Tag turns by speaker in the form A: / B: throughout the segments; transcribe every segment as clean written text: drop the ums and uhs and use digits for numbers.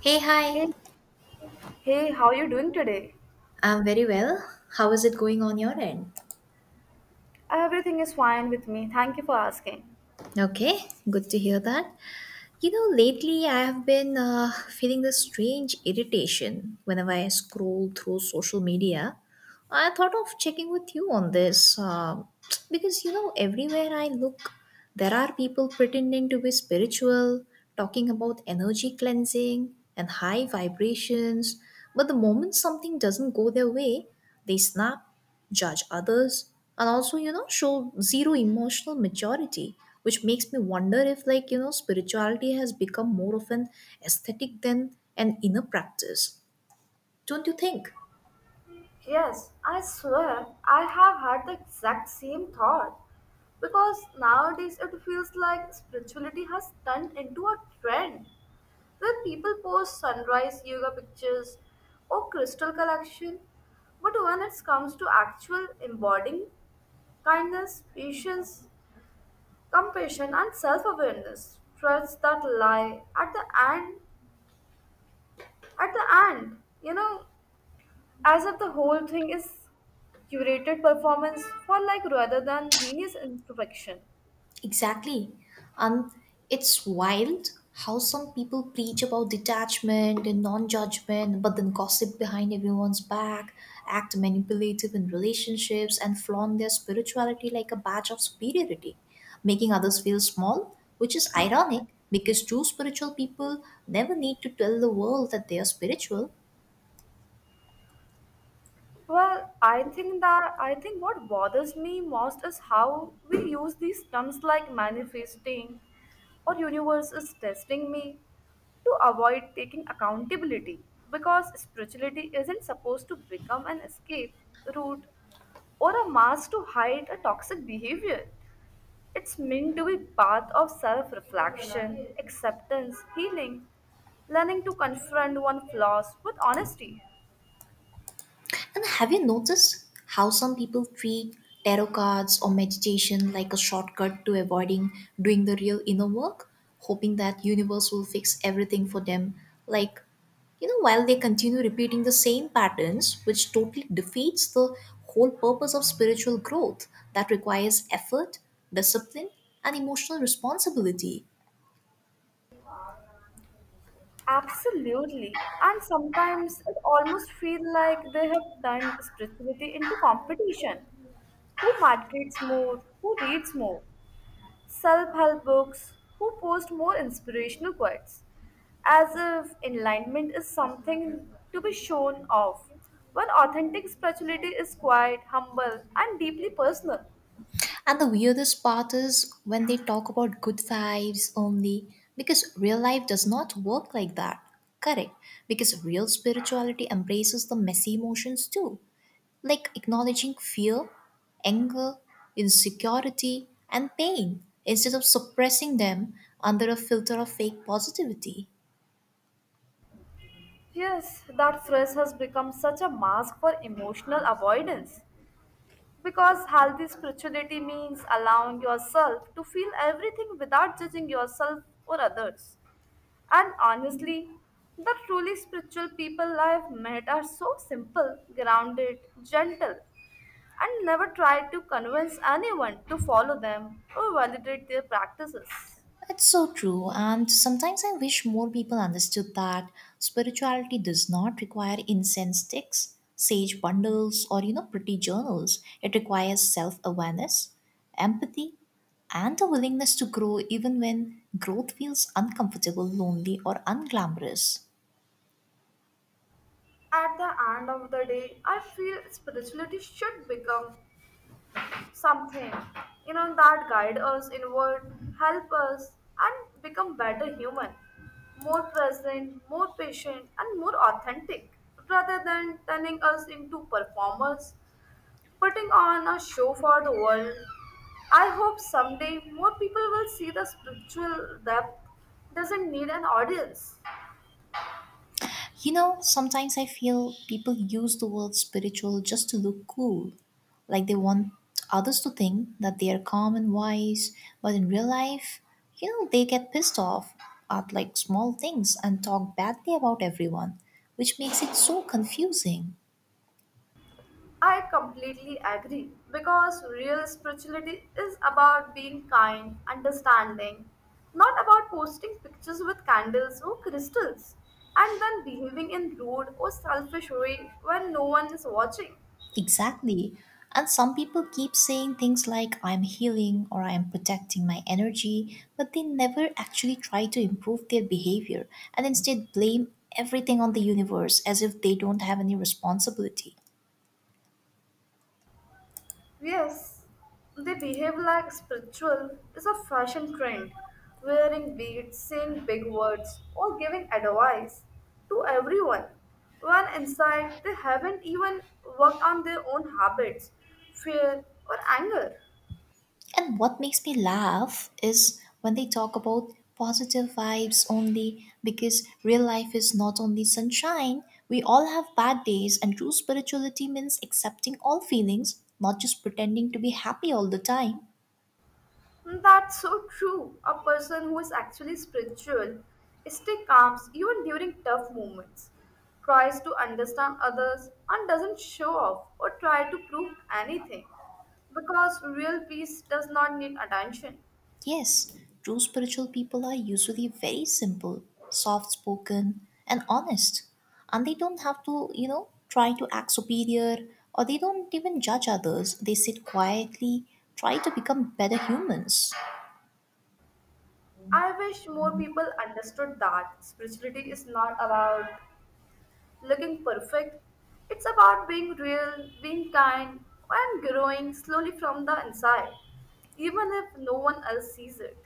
A: Hey, hi.
B: Hey, hey, how you doing today?
A: I'm very well. How is it going on your end?
B: Everything is fine with me. Thank you for asking.
A: Okay, good to hear that. You know, lately I have been feeling this strange irritation whenever I scroll through social media. I thought of checking with you on this because, you know, everywhere I look, there are people pretending to be spiritual, talking about energy cleansing and high vibrations. But the moment something doesn't go their way, they snap, judge others, and also, you know, show zero emotional maturity, which makes me wonder if, like, you know, spirituality has become more of an aesthetic than an inner practice, don't you think?
B: Yes, I swear I have had the exact same thought. Because nowadays it feels like spirituality has turned into a trend where people post sunrise yoga pictures or crystal collection. But when it comes to actual embodying kindness, patience, compassion, and self awareness, threads that lie at the end at the end, you know, as if the whole thing is curated performance for like rather than genius introspection.
A: Exactly. Um, it's wild how some people preach about detachment and non judgment, but then gossip behind everyone's back, act manipulative in relationships, and flaunt their spirituality like a badge of superiority, making others feel small, which is ironic because true spiritual people never need to tell the world that they are spiritual.
B: Well, I think what bothers me most is how we use these terms like manifesting or universe is testing me to avoid taking accountability, because spirituality isn't supposed to become an escape route or a mask to hide a toxic behavior. It's meant to be path of self-reflection, acceptance, healing, learning to confront one's flaws with honesty.
A: And have you noticed how some people treat tarot cards or meditation like a shortcut to avoiding doing the real inner work, hoping that universe will fix everything for them? Like, you know, while they continue repeating the same patterns, which totally defeats the whole purpose of spiritual growth that requires effort, discipline, and emotional responsibility.
B: Absolutely. And sometimes it almost feels like they have turned spirituality into competition. Who markets more? Who reads more self help books, who post more inspirational quotes, as if enlightenment is something to be shown off, when authentic spirituality is quiet, humble, and deeply personal.
A: And the weirdest part is when they talk about good vibes only, because real life does not work like that. Correct, because real spirituality embraces the messy emotions too, like acknowledging fear, anger, insecurity, and pain, instead of suppressing them under a filter of fake positivity.
B: Yes, that phrase has become such a mask for emotional avoidance. Because healthy spirituality means allowing yourself to feel everything without judging yourself or others. And honestly, the truly spiritual people I've met are so simple, grounded, gentle, and never try to convince anyone to follow them or validate their practices.
A: It's so true, and sometimes I wish more people understood that spirituality does not require incense sticks, sage bundles, or, you know, pretty journals. It requires self awareness, empathy, and a willingness to grow even when growth feels uncomfortable, lonely, or unglamorous.
B: At the end of the day, I feel spirituality should become something, that guide us inward, help us, and become better human, more present, more patient, and more authentic, rather than turning us into performers putting on a show for the world. I hope someday more people will see the spiritual depth doesn't need an audience.
A: You know, sometimes I feel people use the word spiritual just to look cool, like they want others to think that they are calm and wise, but in real life, you know, they get pissed off at, like, small things and talk badly about everyone, which makes it so confusing.
B: I completely agree, because real spirituality is about being kind, understanding, not about posting pictures with candles or crystals and then behaving in rude or selfish way when no one is watching.
A: Exactly. And some people keep saying things like, I'm healing or I'm protecting my energy, but they never actually try to improve their behavior and instead blame everything on the universe as if they don't have any responsibility.
B: Yes, they behave like spiritual is a fashion trend, wearing beads, saying big words, or giving advice to everyone. When inside, they haven't even worked on their own habits, fear, or anger.
A: And what makes me laugh is when they talk about positive vibes only because real life is not only sunshine. We all have bad days, and true spirituality means accepting all feelings, not just pretending to be happy all the time.
B: That's so true. A person who is actually spiritual stay calm even during tough moments, tries to understand others, and doesn't show off or try to prove anything. Because real peace does not need attention.
A: Yes, true spiritual people are usually very simple, soft spoken, and honest. And they don't have to, you know, try to act superior, or they don't even judge others. They sit quietly, try to become better humans.
B: I wish more people understood that spirituality is not about looking perfect, it's about being real, being kind, and growing slowly from the inside, even if no one else sees it.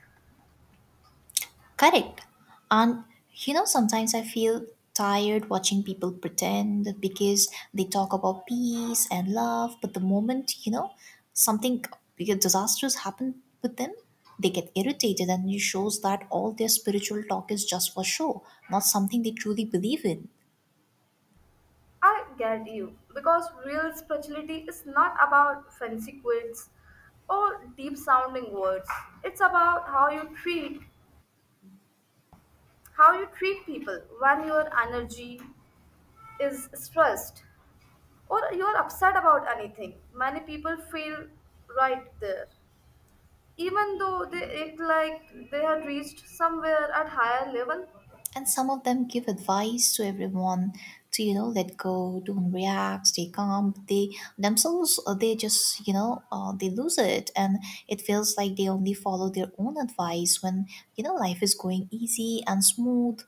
A: Correct. And you know, sometimes I feel tired watching people pretend because they talk about peace and love, but the moment, you know, something disastrous happen with them, they get irritated and it shows that all their spiritual talk is just for show, not something they truly believe in.
B: I get you, because real spirituality is not about fancy quotes or deep sounding words. It's about how you treat people when your energy is stressed or you're upset about anything. Many people feel right there, even though they act like they had reached somewhere at higher level.
A: And some of them give advice to everyone, to, you know, let go, don't react, stay calm, but they themselves, they just, you know, they lose it, and it feels like they only follow their own advice when, you know, life is going easy and smooth.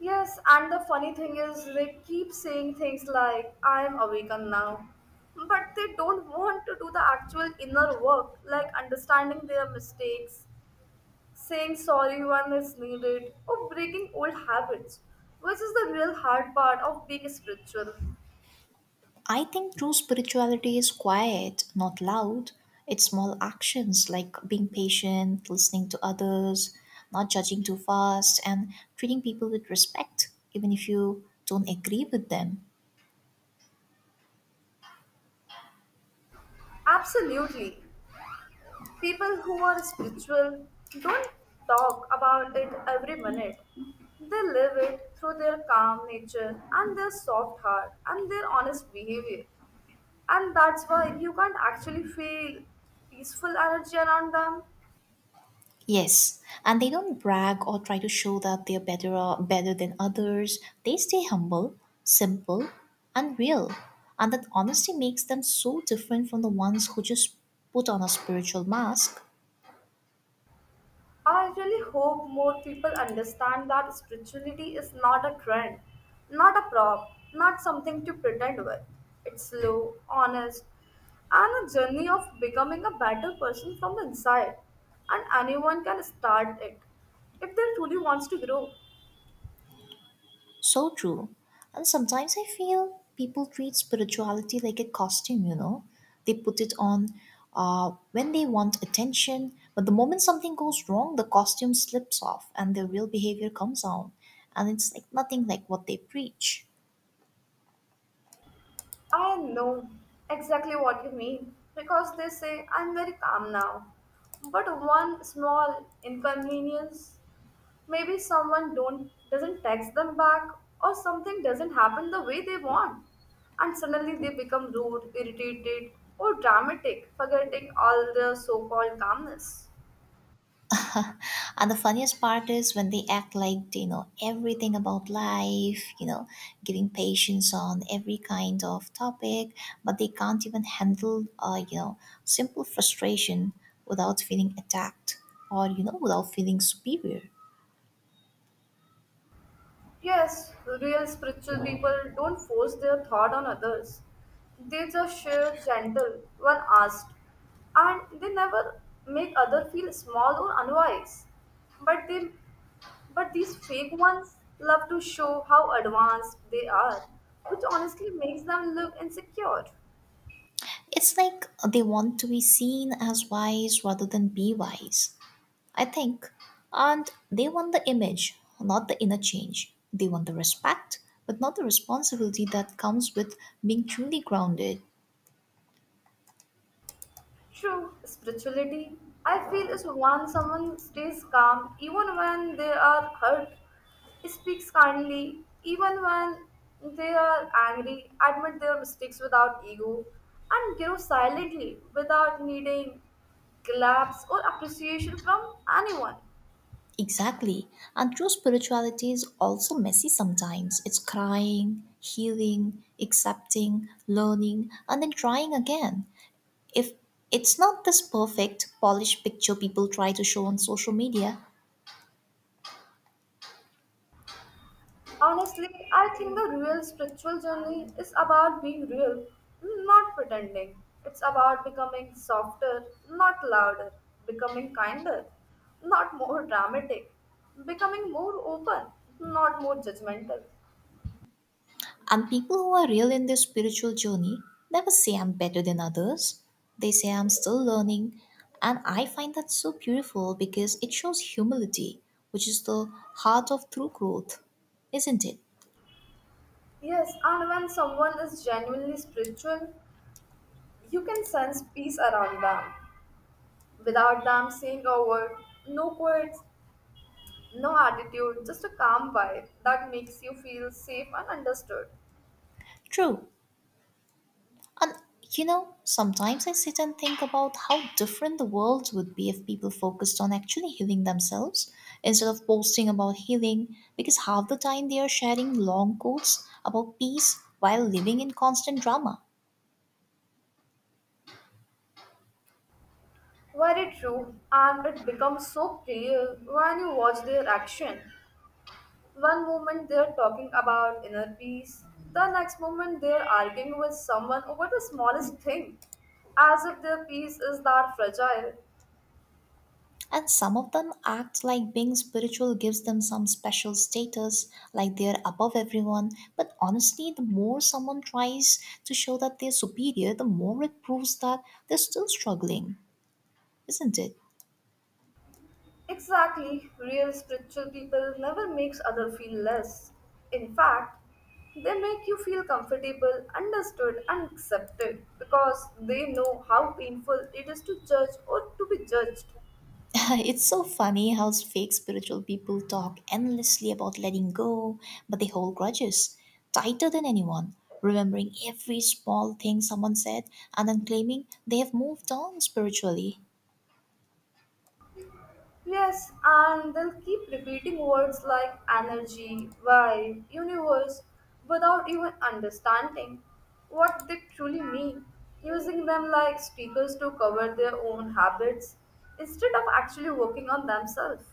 B: Yes, and the funny thing is, they keep saying things like, I'm awakened now. But they don't want to do the actual inner work, like understanding their mistakes, saying sorry when it's needed, or breaking old habits, which is the real hard part of being spiritual.
A: I think true spirituality is quiet, not loud. It's small actions, like being patient, listening to others, not judging too fast, and treating people with respect even if you don't agree with them.
B: Absolutely. People who are spiritual don't talk about it every minute. They live it through their calm nature and their soft heart and their honest behavior. And that's why you can't actually feel peaceful energy around them.
A: Yes, and they don't brag or try to show that they're better or better than others. They stay humble, simple, and real. And that honesty makes them so different from the ones who just put on a spiritual mask.
B: I really hope more people understand that spirituality is not a trend, not a prop, not something to pretend with. It's slow, honest, and a journey of becoming a better person from the inside. And anyone can start it if they truly wants to grow.
A: So true. And sometimes I feel people treat spirituality like a costume, you know. They put it on when they want attention, but the moment something goes wrong, the costume slips off and their real behavior comes out. And it's like nothing like what they preach.
B: I know exactly what you mean because they say I'm very calm now. But one small inconvenience, maybe someone don't doesn't text them back or something doesn't happen the way they want and suddenly they become rude, irritated or dramatic, forgetting all their so-called calmness.
A: And the funniest part is when they act like they know everything about life, you know, giving patients on every kind of topic, but they can't even handle, you know, simple frustration without feeling attacked or, you know, without feeling superior.
B: Yes, real spiritual people don't force their thought on others. They just share gentle when asked, and they never make other feel small or unwise. But they, but these fake ones love to show how advanced they are, which honestly makes them look insecure.
A: It's like they want to be seen as wise rather than be wise, I think. And they want the image, not the inner change. They want the respect, but not the responsibility that comes with being truly grounded.
B: True, spirituality, I feel, is when someone stays calm even when they are hurt, speaks kindly, even when they are angry, admit their mistakes without ego, and grow silently without needing claps or appreciation from anyone.
A: Exactly. And true spirituality is also messy sometimes. It's crying, healing, accepting, learning, and then trying again. If it's not this perfect, polished picture people try to show on social media.
B: Honestly, I think the real spiritual journey is about being real, not pretending. It's about becoming softer, not louder, becoming kinder, not more dramatic, becoming more open, not more judgmental.
A: And people who are real in their spiritual journey never say I'm better than others. They say I'm still learning. And I find that so beautiful because it shows humility, which is the heart of true growth, isn't it?
B: Yes, and when someone is genuinely spiritual, you can sense peace around them. Without them saying a word, no quotes, no attitude, just a calm vibe that makes you feel safe and understood.
A: True. And you know, sometimes I sit and think about how different the world would be if people focused on actually healing themselves instead of posting about healing, because half the time they are sharing long quotes about peace while living in constant drama.
B: Very true, and it becomes so clear when you watch their action. One moment they're talking about inner peace, the next moment they're arguing with someone over the smallest thing, as if their peace is that fragile.
A: And some of them act like being spiritual gives them some special status, like they're above everyone. But honestly, the more someone tries to show that they're superior, the more it proves that they're still struggling, isn't it?
B: Exactly, real spiritual people never makes other feel less. In fact, they make you feel comfortable, understood, and accepted because they know how painful it is to judge or to be judged.
A: It's so funny how fake spiritual people talk endlessly about letting go, but they hold grudges tighter than anyone, remembering every small thing someone said and then claiming they have moved on spiritually.
B: Yes, and they'll keep repeating words like energy, vibe, universe without even understanding what they truly mean, using them like speakers to cover their own habits instead of actually working on themselves.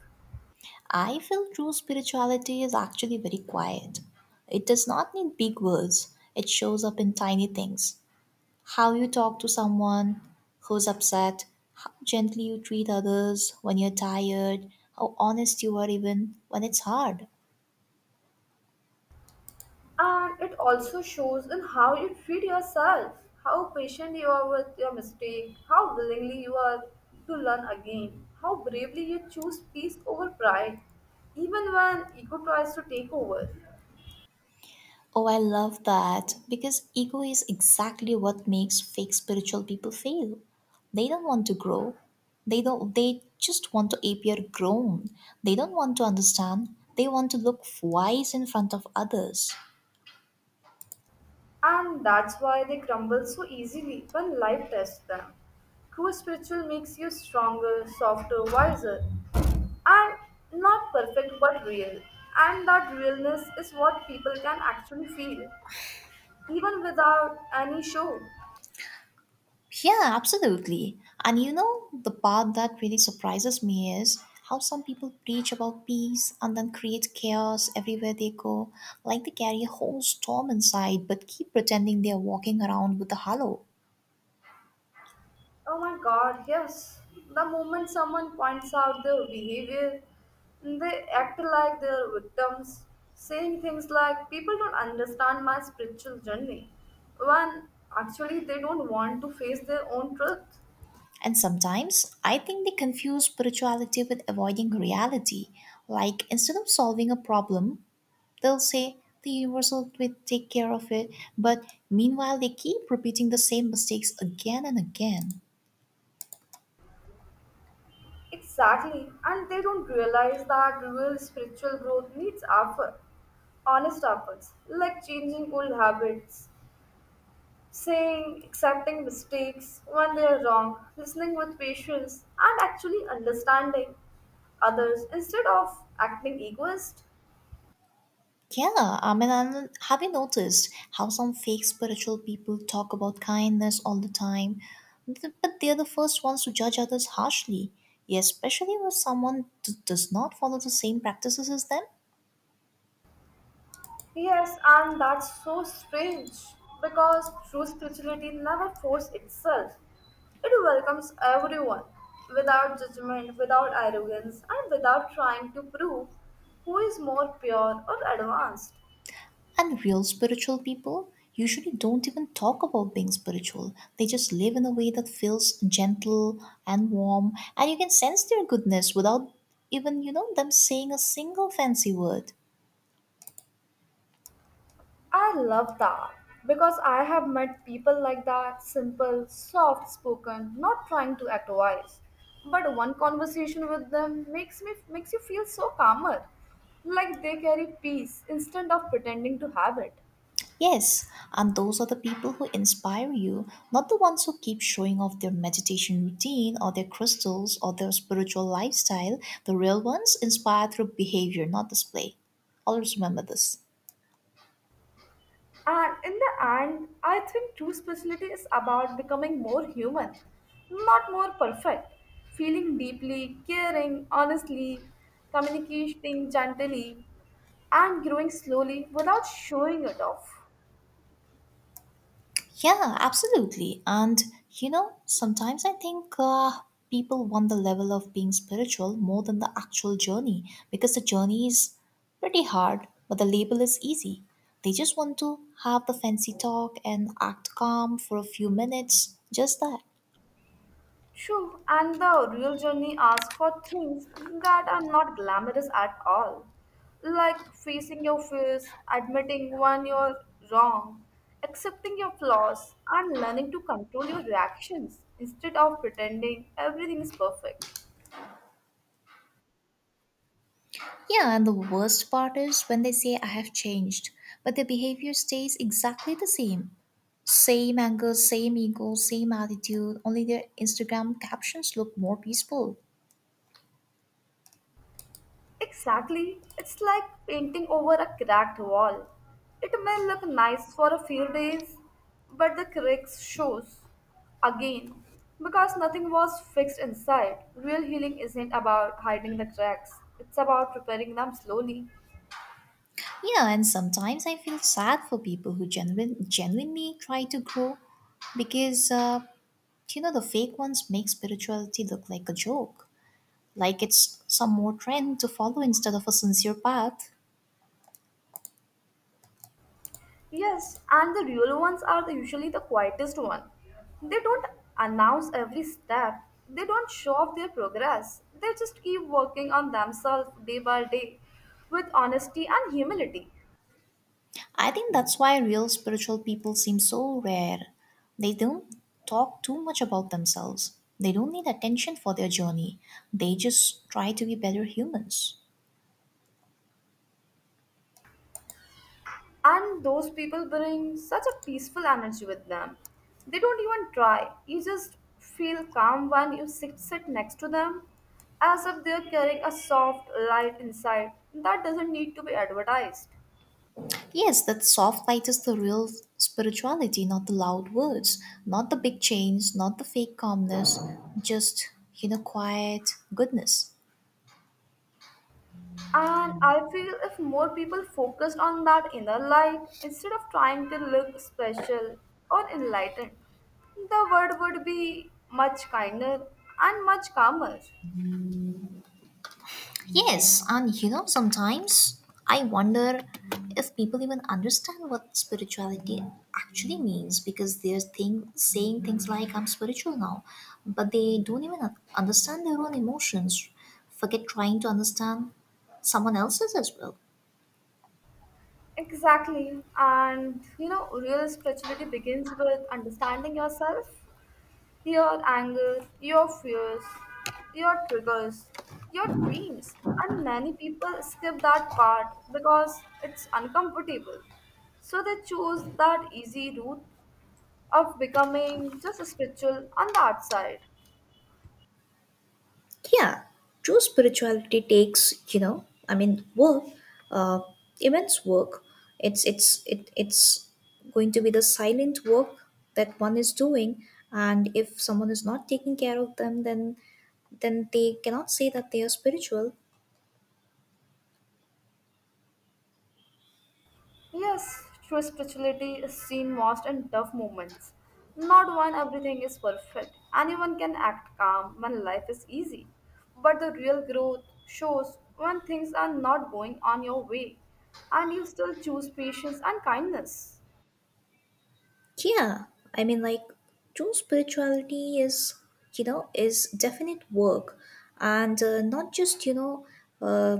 A: I feel true spirituality is actually very quiet. It does not need big words, it shows up in tiny things. How you talk to someone who's upset, how gently you treat others when you're tired, how honest you are even when it's hard.
B: And it also shows in how you treat yourself, how patient you are with your mistake, how willingly you are to learn again, how bravely you choose peace over pride, even when ego tries to take over.
A: Oh, I love that because ego is exactly what makes fake spiritual people fail. They don't want to grow. They don't they just want to appear grown. They don't want to understand. They want to look wise in front of others.
B: And that's why they crumble so easily when life tests them. True spiritual makes you stronger, softer, wiser, and not perfect but real. And that realness is what people can actually feel, even without any show.
A: Yeah, absolutely. And you know, the part that really surprises me is how some people preach about peace and then create chaos everywhere they go, like they carry a whole storm inside but keep pretending they are walking around with a halo.
B: Oh my god, yes. The moment someone points out their behavior, they act like they're victims, saying things like, people don't understand my spiritual journey, when actually they don't want to face their own truth.
A: And sometimes I think they confuse spirituality with avoiding reality. Like instead of solving a problem, they'll say the universe will take care of it, but meanwhile they keep repeating the same mistakes again and again.
B: Exactly, and they don't realize that real spiritual growth needs effort, honest efforts like changing old habits, saying, accepting mistakes when they are wrong, listening with patience, and actually understanding others instead of acting egoist.
A: Yeah, I mean, and have you noticed how some fake spiritual people talk about kindness all the time? But they're the first ones to judge others harshly, yeah, especially when someone does not follow the same practices as them.
B: Yes, and that's so strange because true spirituality never forces itself. It welcomes everyone without judgment, without arrogance, and without trying to prove who is more pure or advanced.
A: And real spiritual people usually don't even talk about being spiritual. They just live in a way that feels gentle and warm, and you can sense their goodness without even, you know, them saying a single fancy word.
B: I love that because I have met people like that simple, soft spoken, not trying to act wise. But one conversation with them makes you feel so calmer, like they carry peace instead of pretending to have it.
A: Yes, and those are the people who inspire you, not the ones who keep showing off their meditation routine or their crystals or their spiritual lifestyle. The real ones inspire through behavior, not display. Always remember this.
B: And in the end, I think true spirituality is about becoming more human, not more perfect. Feeling deeply, caring honestly, communicating gently, and growing slowly without showing it off.
A: Yeah, absolutely. And you know, sometimes I think, people want the level of being spiritual more than the actual journey because the journey is pretty hard, but the label is easy. They just want to have the fancy talk and act calm for a few minutes, just that.
B: True, and the real journey asks for things that are not glamorous at all, like facing your fears, admitting when you're wrong, accepting your flaws, and learning to control your reactions instead of pretending everything is perfect.
A: Yeah, and the worst part is when they say, I have changed, but their behavior stays exactly the same anger, same ego, same attitude, only their Instagram captions look more peaceful.
B: Exactly. It's like painting over a cracked wall. It may look nice for a few days, but the cracks shows again because nothing was fixed inside. Real healing isn't about hiding the cracks. It's about repairing them slowly.
A: You know, and sometimes I feel sad for people who genuinely try to grow because, you know, the fake ones make spirituality look like a joke, like it's some more trend to follow instead of a sincere path.
B: Yes, and the real ones are the, usually the quietest one. They don't announce every step. They don't show off their progress. They just keep working on themselves day by day with honesty and humility.
A: I think that's why real spiritual people seem so rare. They don't talk too much about themselves, they don't need attention for their journey, they just try to be better humans.
B: And those people bring such a peaceful energy with them. They don't even try. You just feel calm when you sit next to them, as if they're carrying a soft light inside that doesn't need to be advertised.
A: Yes, that soft light is the real spirituality, not the loud words, not the big chains, not the fake calmness, just, you know, quiet goodness.
B: And I feel if more people focused on that inner light instead of trying to look special or enlightened, the world would be much kinder and much calmer.
A: Yes, and you know, sometimes I wonder if people even understand what spirituality actually means because saying things like, I'm spiritual now, but they don't even understand their own emotions, forget trying to understand someone else's as well.
B: Exactly. And you know, real spirituality begins with understanding yourself, your anger, your fears, your triggers, your dreams. And many people skip that part because it's uncomfortable. So they choose that easy route of becoming just spiritual on the outside.
A: Yeah, true spirituality takes work, uh, immense work. It's going to be the silent work that one is doing. And if someone is not taking care of them, then they cannot say that they are spiritual.
B: Yes, true spirituality is seen most in tough moments, not when everything is perfect. Anyone can act calm when life is easy, but the real growth shows when things are not going on your way and you still choose patience and kindness.
A: Yeah, I mean, like, true spirituality is, you know, is definite work and not just, uh,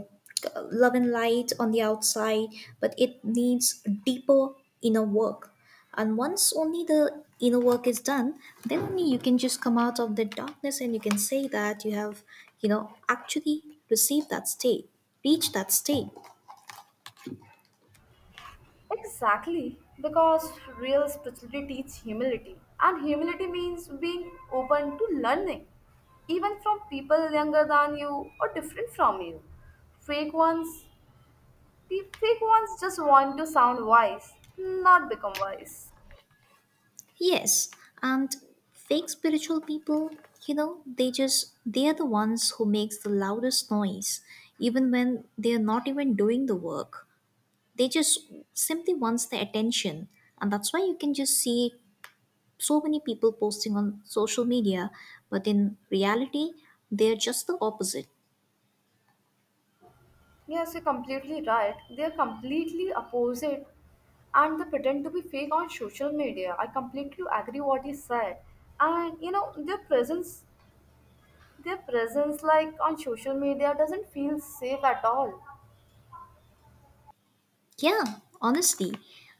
A: love and light on the outside, but it needs deeper inner work. And once only the inner work is done, then only you can just come out of the darkness and you can say that you have, you know, actually received that state, reached that state.
B: Exactly, because real spirituality teaches humility, and humility means being open to learning, even from people younger than you or different from you. Fake ones The fake ones just want to sound wise, not become wise.
A: Yes, and fake spiritual people, you know, they are the ones who makes the loudest noise even when they are not even doing the work. They just simply wants the attention. And that's why you can just see so many people posting on social media, but in reality, they're just the opposite.
B: Yes, you're completely right. They're completely opposite and they pretend to be fake on social media. I completely agree what you said. And you know, their presence like on social media doesn't feel safe at all.
A: Yeah, honestly.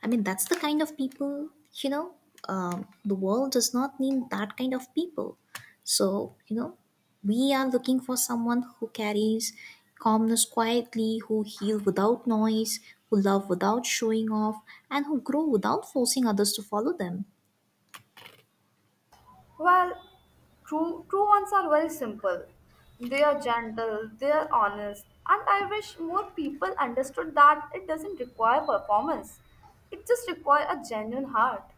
A: I mean, that's the kind of people, you know, the world does not need that kind of people. So, you know, we are looking for someone who carries calmness quietly, who heal without noise, who love without showing off, and who grow without forcing others to follow them.
B: Well, true ones are very simple. They are gentle, they are honest, and I wish more people understood that it doesn't require performance. It just requires a genuine heart.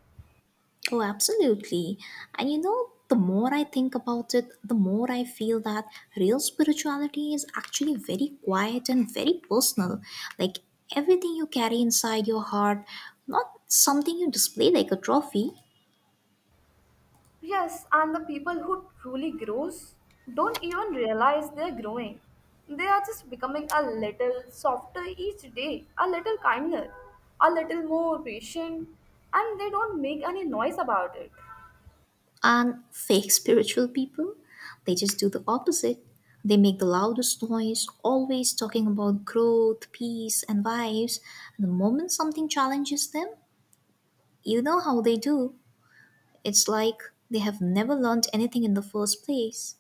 A: Oh, absolutely. And you know, the more I think about it, the more I feel that real spirituality is actually very quiet and very personal. Like everything you carry inside your heart, not something you display like a trophy.
B: Yes, and the people who truly grows don't even realize they are growing. They are just becoming a little softer each day, a little kinder, a little more patient, and they don't make any noise about it.
A: And fake spiritual people, they just do the opposite. They make the loudest noise, always talking about growth, peace, and vibes. And the moment something challenges them, you know how they do. It's like they have never learned anything in the first place.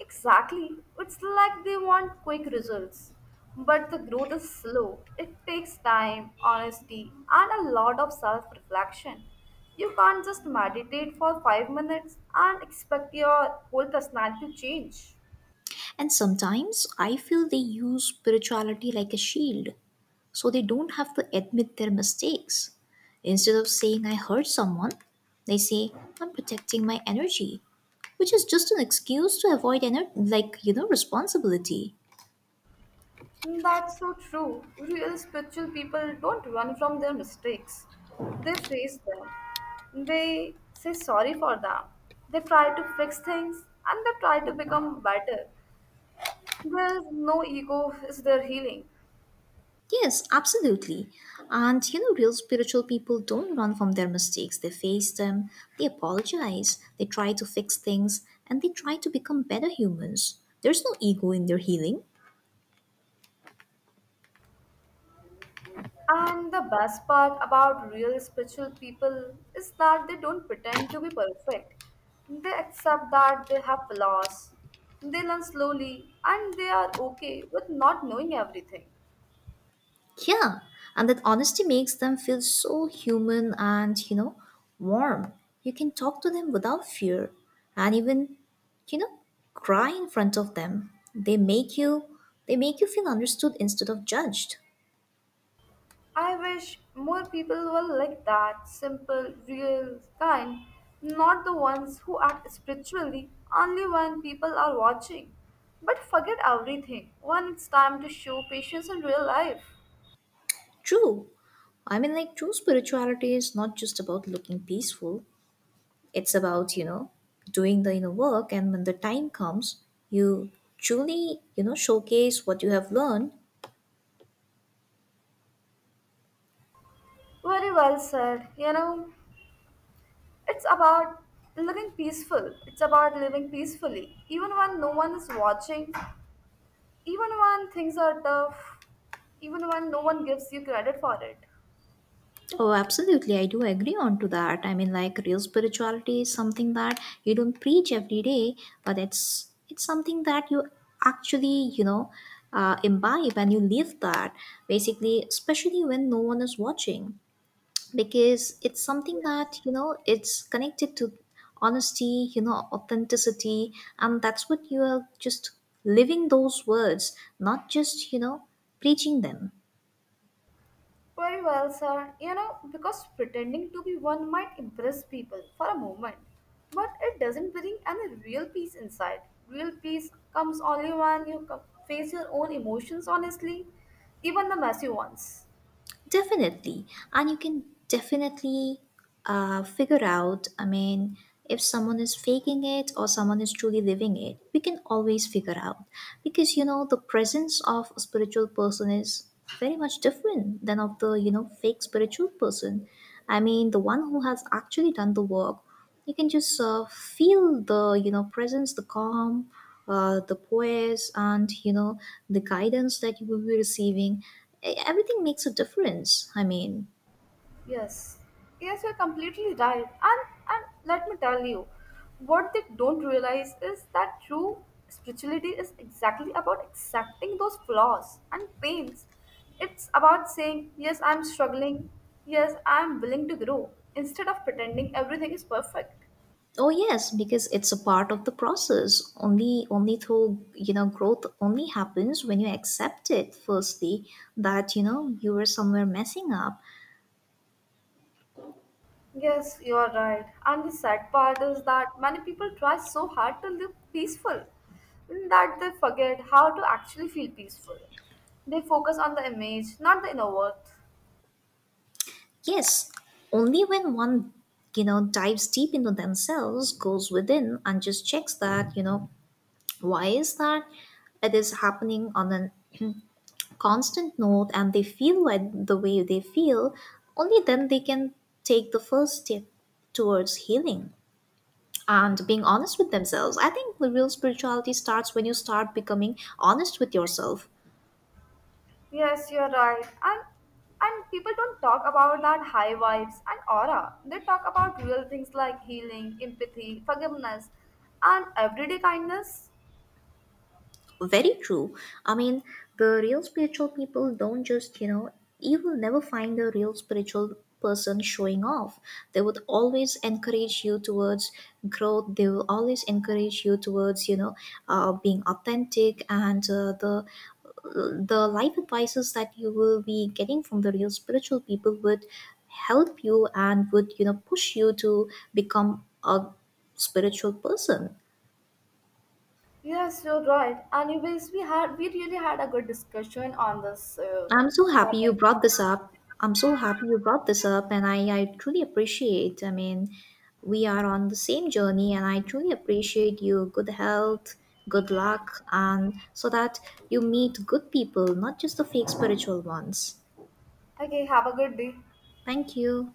B: Exactly. It's like they want quick results. But the growth is slow. It takes time, honesty, and a lot of self reflection. You can't just meditate for five minutes and expect your whole personality to change.
A: And sometimes I feel they use spirituality like a shield, so they don't have to admit their mistakes. Instead of saying, "I hurt someone," they say, "I'm protecting my energy," which is just an excuse to avoid, like, you know, responsibility.
B: That's so true. Real spiritual people don't run from their mistakes, they face them. They say sorry for them. They try to fix things and they try to become better. There's no ego is their healing.
A: Yes, absolutely. And you know, real spiritual people don't run from their mistakes. They face them, they apologize, they try to fix things, and they try to become better humans. There's no ego in their healing.
B: And the best part about real spiritual people is that they don't pretend to be perfect. They accept that they have flaws. They learn slowly and they are okay with not knowing everything.
A: Yeah, and that honesty makes them feel so human and, you know, warm. You can talk to them without fear and even, you know, cry in front of them. They make you feel understood instead of judged.
B: I wish more people were like that simple, real, kind, not the ones who act spiritually only when people are watching. But forget everything when it's time to show patience in real life.
A: True. I mean, like, true spirituality is not just about looking peaceful, it's about, you know, doing the inner work. And when the time comes, you truly, you know, showcase what you have learned.
B: Very well said. You know, it's about It's about living peacefully. Even when no one is watching, even when things are tough, even when no one gives you credit for it.
A: Oh, absolutely. I do agree on to that. I mean, like, real spirituality is something that you don't preach every day, but it's something that you actually, you know, imbibe and you live that basically, especially when no one is watching, because it's something that,
B: Yes.
A: you know, it's connected to honesty, you know, authenticity, and that's what you are just living those words, not just, you know, preaching them.
B: Very well, sir. You know, because pretending to be one might impress people for a moment, but it doesn't bring any real peace inside. Real peace comes only when you co- face your own emotions honestly, even the messy ones.
A: Definitely. And you can definitely figure out, I mean, if someone is faking it or someone is truly living it, we can always figure out. Because, you know, the presence of a spiritual person is very much different than of the, you know, fake spiritual person. I mean, the one who has actually done the work, you can just feel the, you know, presence, the calm, the poise, and, you know, the guidance that you will be receiving. Everything makes a difference, I mean.
B: Yes, yes, you're completely right. And let me tell you, what they don't realize is that true spirituality is exactly about accepting those flaws and pains. It's about saying, yes, I'm struggling. Yes, I'm willing to grow instead of pretending everything is perfect.
A: Oh yes, because it's a part of the process. Only through, you know, growth only happens when you accept it firstly, that, you know, you were somewhere messing up.
B: Yes, you are right. And the sad part is that many people try so hard to live peaceful that they forget how to actually feel peaceful. They focus on the image, not the inner worth.
A: Yes, only when one, you know, dives deep into themselves, goes within and just checks that, you know, why is that? It is happening on a constant note and they feel the way they feel, only then they can take the first step towards healing and being honest with themselves. I think the real spirituality starts when you start becoming honest with yourself.
B: Yes, you are right. And people don't talk about that high vibes and aura. They talk about real things like healing, empathy, forgiveness, and everyday kindness.
A: Very true. I mean, the real spiritual people don't just, you know, you will never find the real spiritual person showing off. They would always encourage you towards growth. They will always encourage you towards, you know, being authentic and the life advices that you will be getting from the real spiritual people would help you and would, you know, push you to become a spiritual person.
B: Yes, you're right. Anyways, we really had a good discussion on this
A: I'm so happy you
B: topic.
A: brought this up. I'm so happy you brought this up, and I truly appreciate. I mean, we are on the same journey, and I truly appreciate you. Good health, good luck, and so that you meet good people, not just the fake spiritual ones.
B: Okay, have a good day.
A: Thank you.